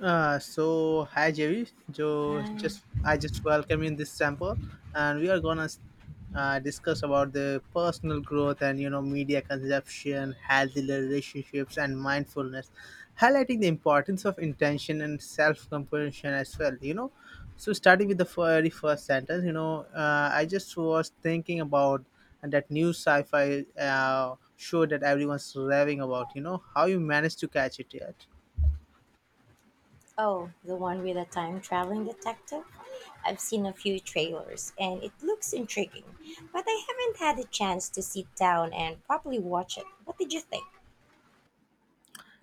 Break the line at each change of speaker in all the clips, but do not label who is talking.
So hi Javi, jo,
Um,
just I just welcome in this sample, and we are gonna discuss about the personal growth and you know media consumption, healthy relationships, and mindfulness, highlighting the importance of intention and self-compassion as well. You know, so starting with the very first sentence, I just was thinking about that new sci-fi show that everyone's raving about. You know, how you managed to catch it yet?
oh, the one with a time traveling detective? I've seen a few trailers and it looks intriguing, but I haven't had a chance to sit down and properly watch it. What did you think?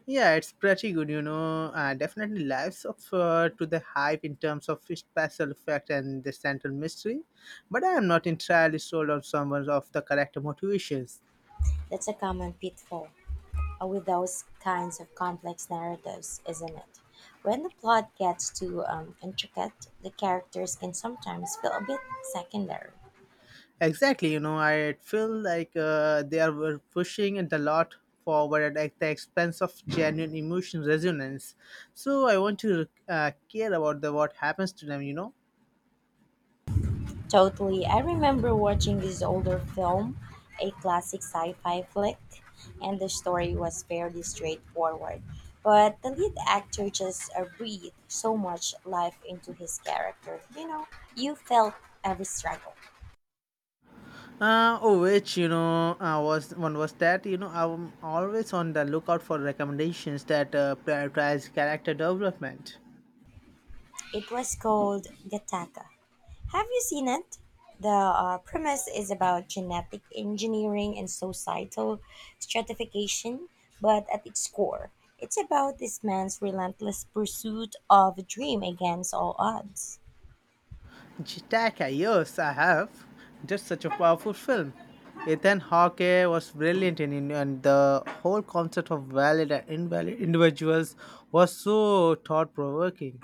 Yeah, it's pretty good, you know. Definitely lives up to the hype in terms of special effect and the central mystery, but I am not entirely sold on some of the correct motivations.
That's a common pitfall with those kinds of complex narratives, isn't it? When the plot gets too intricate, the characters can sometimes feel a bit secondary.
Exactly, you know, I feel like they are were pushing the lot forward at the expense of genuine emotion resonance. So I want to care about the what happens to them.
Totally. I remember watching this older film, a classic sci fi flick, and the story was fairly straightforward. But the lead actor just breathed so much life into his character. You felt every struggle.
Oh, which was one was that you know I'm always on the lookout for recommendations that prioritize character development.
It was called Gattaca. Have you seen it? The premise is about genetic engineering and societal stratification, but at its core, it's about this man's relentless pursuit of a dream against all odds.
Jitaka, yes, I have. Just such a powerful film. Ethan Hawke was brilliant in, it, and the whole concept of valid and invalid individuals was so thought provoking.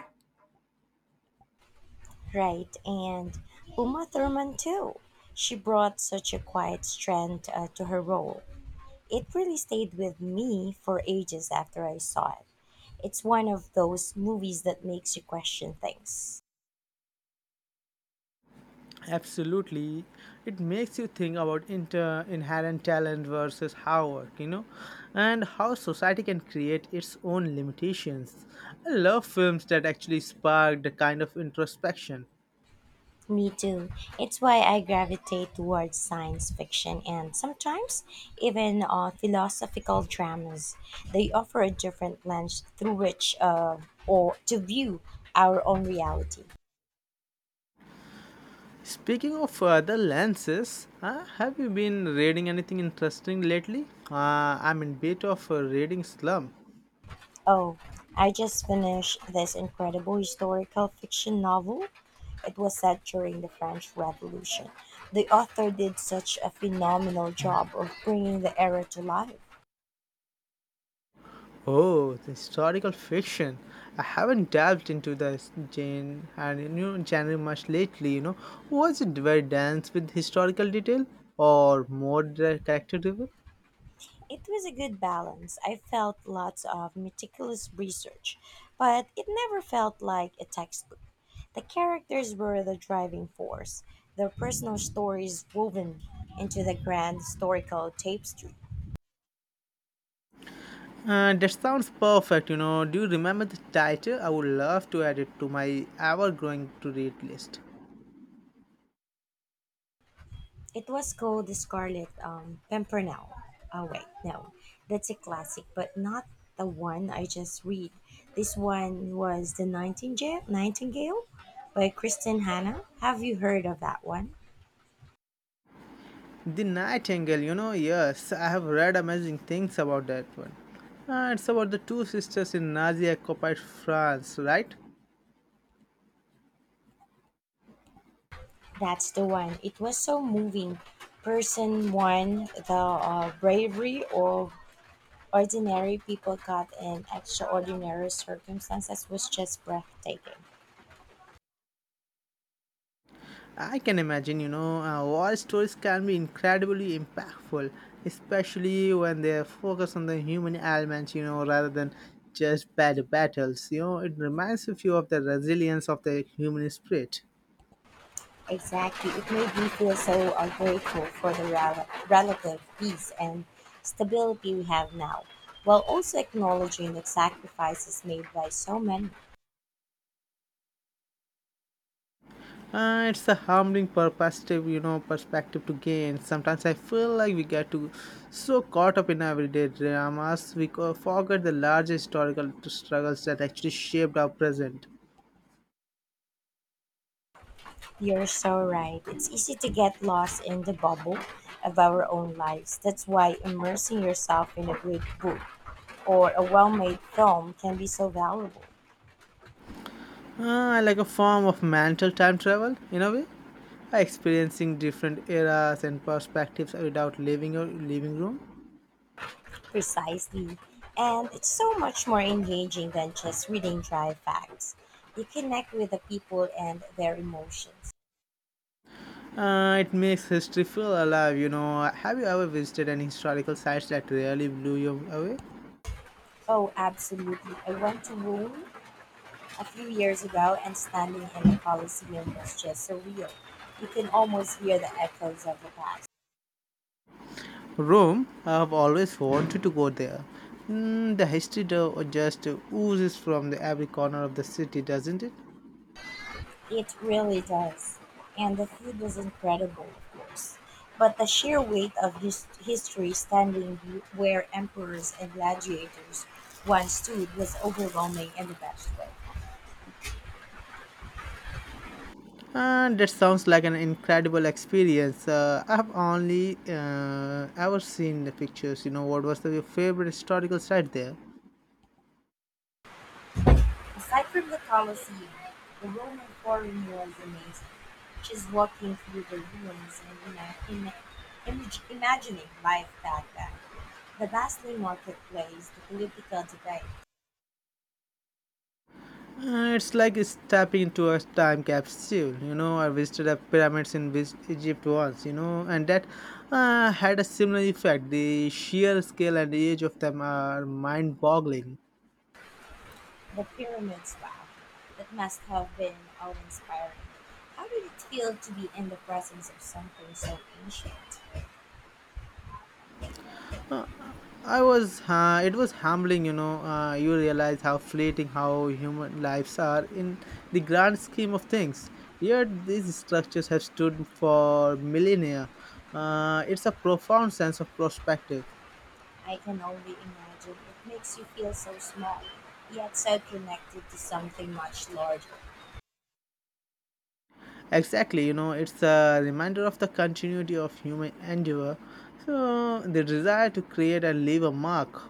Right, and Uma Thurman too. She brought such a quiet strength to her role. It really stayed with me for ages after I saw it. It's one of those movies that makes you question things.
Absolutely, it makes you think about inherent talent versus hard work, you know, and how society can create its own limitations. I love films that actually spark the kind of introspection.
Me too. It's why I gravitate towards science fiction and sometimes even philosophical dramas. They offer a different lens through which or to view our own reality.
Speaking of other lenses, have you been reading anything interesting lately? uh, I'm in bit of a reading slump.
Oh, I just finished this incredible historical fiction novel. It was set during the French Revolution. The author did such a phenomenal job of bringing the era to life.
Oh, the historical fiction. I haven't delved into this Jane and new genre much lately, you know. Was it very dense with historical detail or more character driven?
It was a good balance. I felt lots of meticulous research, but it never felt like a textbook. The characters were the driving force, their personal stories woven into the grand historical tapestry.
That sounds perfect, you know. Do you remember the title? I would love to add it to my ever growing to read list.
It was called the Scarlet Pimpernel. Oh wait, no, that's a classic, but not the one I just read. This one was the Nightingale by Kristen Hanna. Have you heard of that one?
The Nightingale, you know, yes, I have read amazing things about that one. It's about the two sisters in Nazi occupied France, right?
That's the one. It was so moving. Person one, the bravery of ordinary people caught in extraordinary circumstances was just breathtaking.
I can imagine, war stories can be incredibly impactful, especially when they focus on the human elements, you know, rather than just bad battles. You know, it reminds you of the resilience of the human spirit.
Exactly. It made me feel so ungrateful for the relative peace and stability we have now, while also acknowledging the sacrifices made by so many.
It's a humbling perspective, you know, perspective to gain. Sometimes I feel like we get too so caught up in everyday dramas, we forget the large historical struggles that actually shaped our present.
You're so right. It's easy to get lost in the bubble of our own lives. That's why immersing yourself in a great book or a well made film can be so valuable.
Like a form of mental time travel, in a way, experiencing different eras and perspectives without leaving your living room.
Precisely. And it's so much more engaging than just reading dry facts. You connect with the people and their emotions.
It makes history feel alive, you know. Have you ever visited any historical sites that really blew you away?
Oh, absolutely. I went to Rome a few years ago and standing in the Colosseum was just surreal. You can almost hear the echoes of the past.
Rome, I've always wanted to go there. Mm, the history though just oozes from the every corner of the city, doesn't it?
It really does. And the food was incredible, of course. But the sheer weight of history standing where emperors and gladiators once stood was overwhelming in the best way.
That sounds like an incredible experience. I have only ever seen the pictures. You know, what was the, your favorite historical site there?
Aside from the Colosseum, the Roman Forum was amazing. Just walking through the ruins and imagining life back then. The bustling marketplace, the political debate,
It's like stepping into a time capsule. You know, I visited the pyramids in Egypt once. You know, and that had a similar effect. The sheer scale and the age of them are mind-boggling.
the pyramid style. That must have been awe inspiring. How did it feel to be in the presence of something so ancient?
It was humbling, you know. You realize how fleeting, how human lives are in the grand scheme of things. Yet these structures have stood for millennia. It's a profound sense of perspective.
I can only imagine it makes you feel so small, yet so connected to something much larger.
Exactly, you know, it's a reminder of the continuity of human endeavor. So, the desire to create and leave a mark.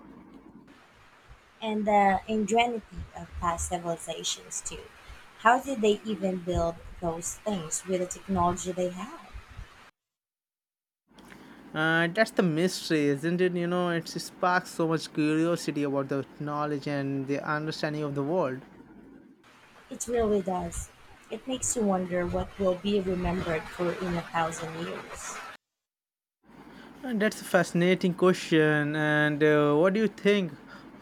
And the ingenuity of past civilizations, too. How did they even build those things with the technology they had?
That's the mystery, isn't it? You know, it sparks so much curiosity about the knowledge and the understanding of the world.
It really does. It makes you wonder what will be remembered for in a thousand years.
That's a fascinating question. And what do you think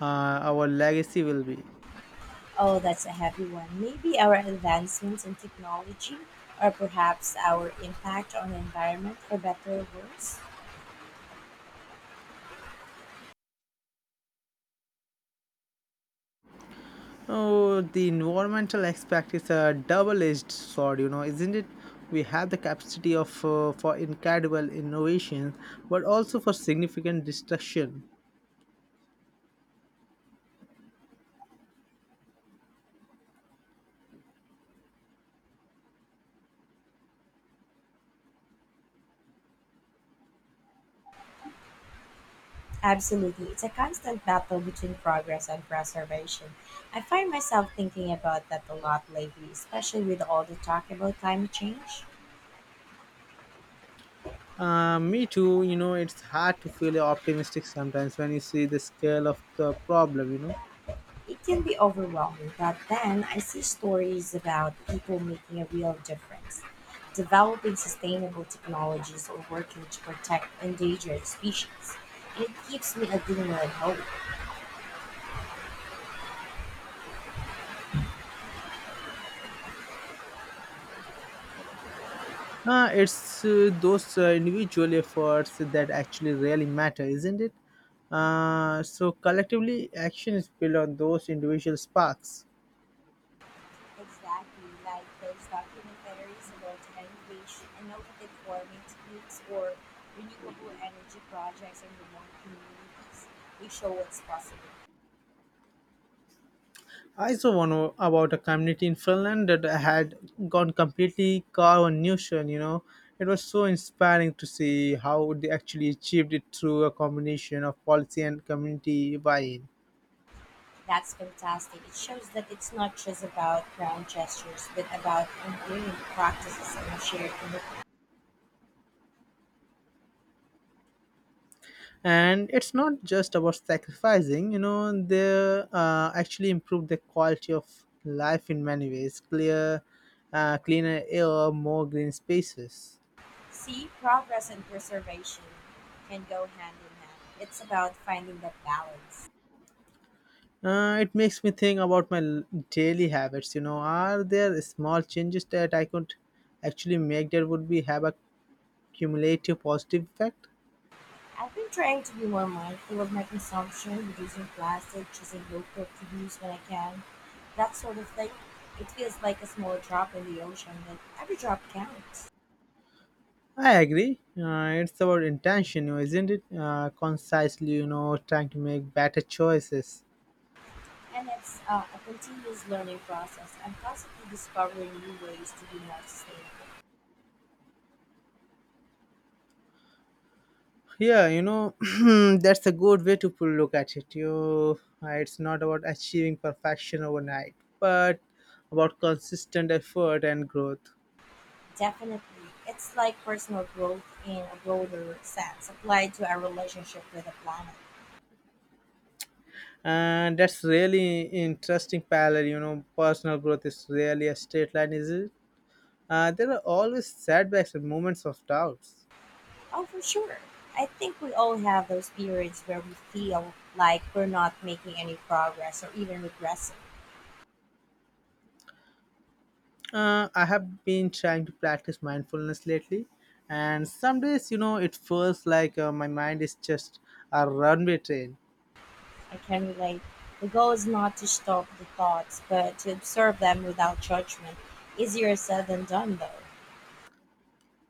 our legacy will be?
Oh, that's a heavy one. Maybe our advancements in technology, or perhaps our impact on the environment for better or worse?
Oh, the environmental aspect is a double-edged sword, you know, isn't it? We have the capacity of for incredible innovation, but also for significant destruction.
Absolutely. It's a constant battle between progress and preservation. I find myself thinking about that a lot lately, especially with all the talk about climate change.
Me too. You know, it's hard to feel optimistic sometimes when you see the scale of the problem. You know.
It can be overwhelming, but then I see stories about people making a real difference, developing sustainable technologies or working to protect endangered species. And it keeps me a glimmer of hope.
It's those individual efforts that actually really matter, isn't it? So collectively, action is built on those individual sparks.
Exactly, like those documentaries about innovation, innovative farming techniques or renewable energy projects in remote communities. They show what's possible.
I saw about a community in Finland that had gone completely carbon neutral. You know, it was so inspiring to see how they actually achieved it through a combination of policy and community buy-in.
That's fantastic. It shows that it's not just about grand gestures, but about enduring practices and shared commitment.
And it's not just about sacrificing, you know, they actually improve the quality of life in many ways, clear cleaner air, more green spaces.
See, progress and preservation can go hand in hand. It's about finding that balance.
It makes me think about my daily habits. You know, are there small changes that I could actually make that would be have a cumulative positive effect?
I've been trying to be more mindful of my consumption, reducing plastic, choosing local produce when I can, that sort of thing. It feels like a small drop in the ocean, but every drop counts.
I agree, it's about intention, you know, isn't it? Concisely, you know, trying to make better choices.
And it's a continuous learning process. I'm constantly discovering new ways to be more sustainable.
Yeah, you know, that's a good way to look at it. You, it's not about achieving perfection overnight, but about consistent effort and growth.
Definitely. It's like personal growth in a broader sense, applied to our relationship with the planet.
And that's really interesting parallel. You know, personal growth is really a straight line, is it? There are always setbacks and moments of doubts.
Oh, for sure. I think we all have those periods where we feel like we're not making any progress or even regressing.
I have been trying to practice mindfulness lately, and some days, you know, it feels like my mind is just a runway train.
I can relate. The goal is not to stop the thoughts, but to observe them without judgment. Easier said than done, though.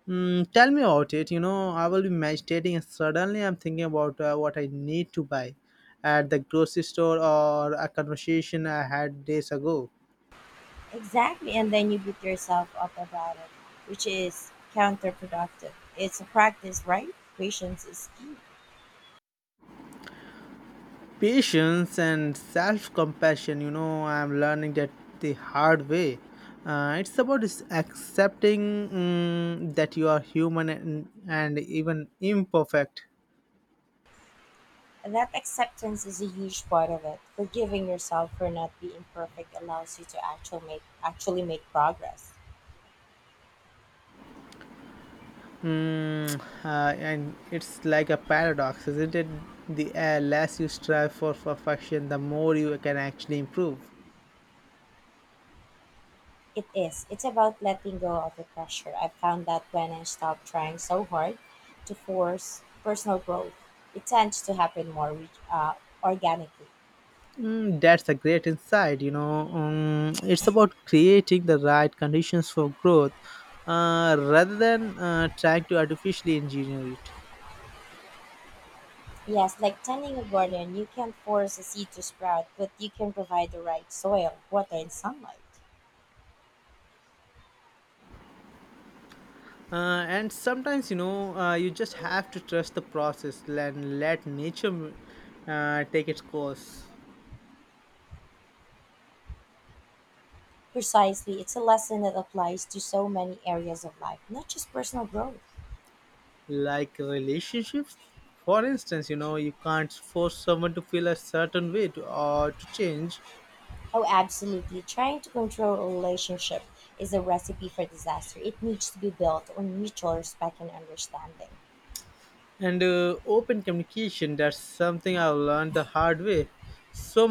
Mm, tell me about it. You know, I will be meditating and suddenly I'm thinking about what I need to buy at the grocery store or a conversation I had days ago.
Exactly, and then you beat yourself up about it, which is counterproductive. It's a practice, right? Patience is key.
Patience and self compassion, you know, I'm learning that the hard way. It's about is accepting that you are human and even imperfect.
That acceptance is a huge part of it. Forgiving yourself for not being perfect allows you to actually make progress.
And it's like a paradox, isn't it? The less you strive for perfection, the more you can actually improve.
It is. It's about letting go of the pressure. I found that when I stop trying so hard to force personal growth, it tends to happen more organically.
Mm, that's a great insight, you know. It's about creating the right conditions for growth, rather than trying to artificially engineer it.
Yes, like tending a garden, you can't force a seed to sprout, but you can provide the right soil, water, and sunlight.
And sometimes, you know, you just have to trust the process and let nature take its course.
Precisely, it's a lesson that applies to so many areas of life, not just personal growth.
Like relationships for instance, you know, you can't force someone to feel a certain way to, or to change.
Oh, absolutely. Trying to control a relationship is a recipe for disaster. It needs to be built on mutual respect and understanding.
And open communication, that's something I learned the hard way, so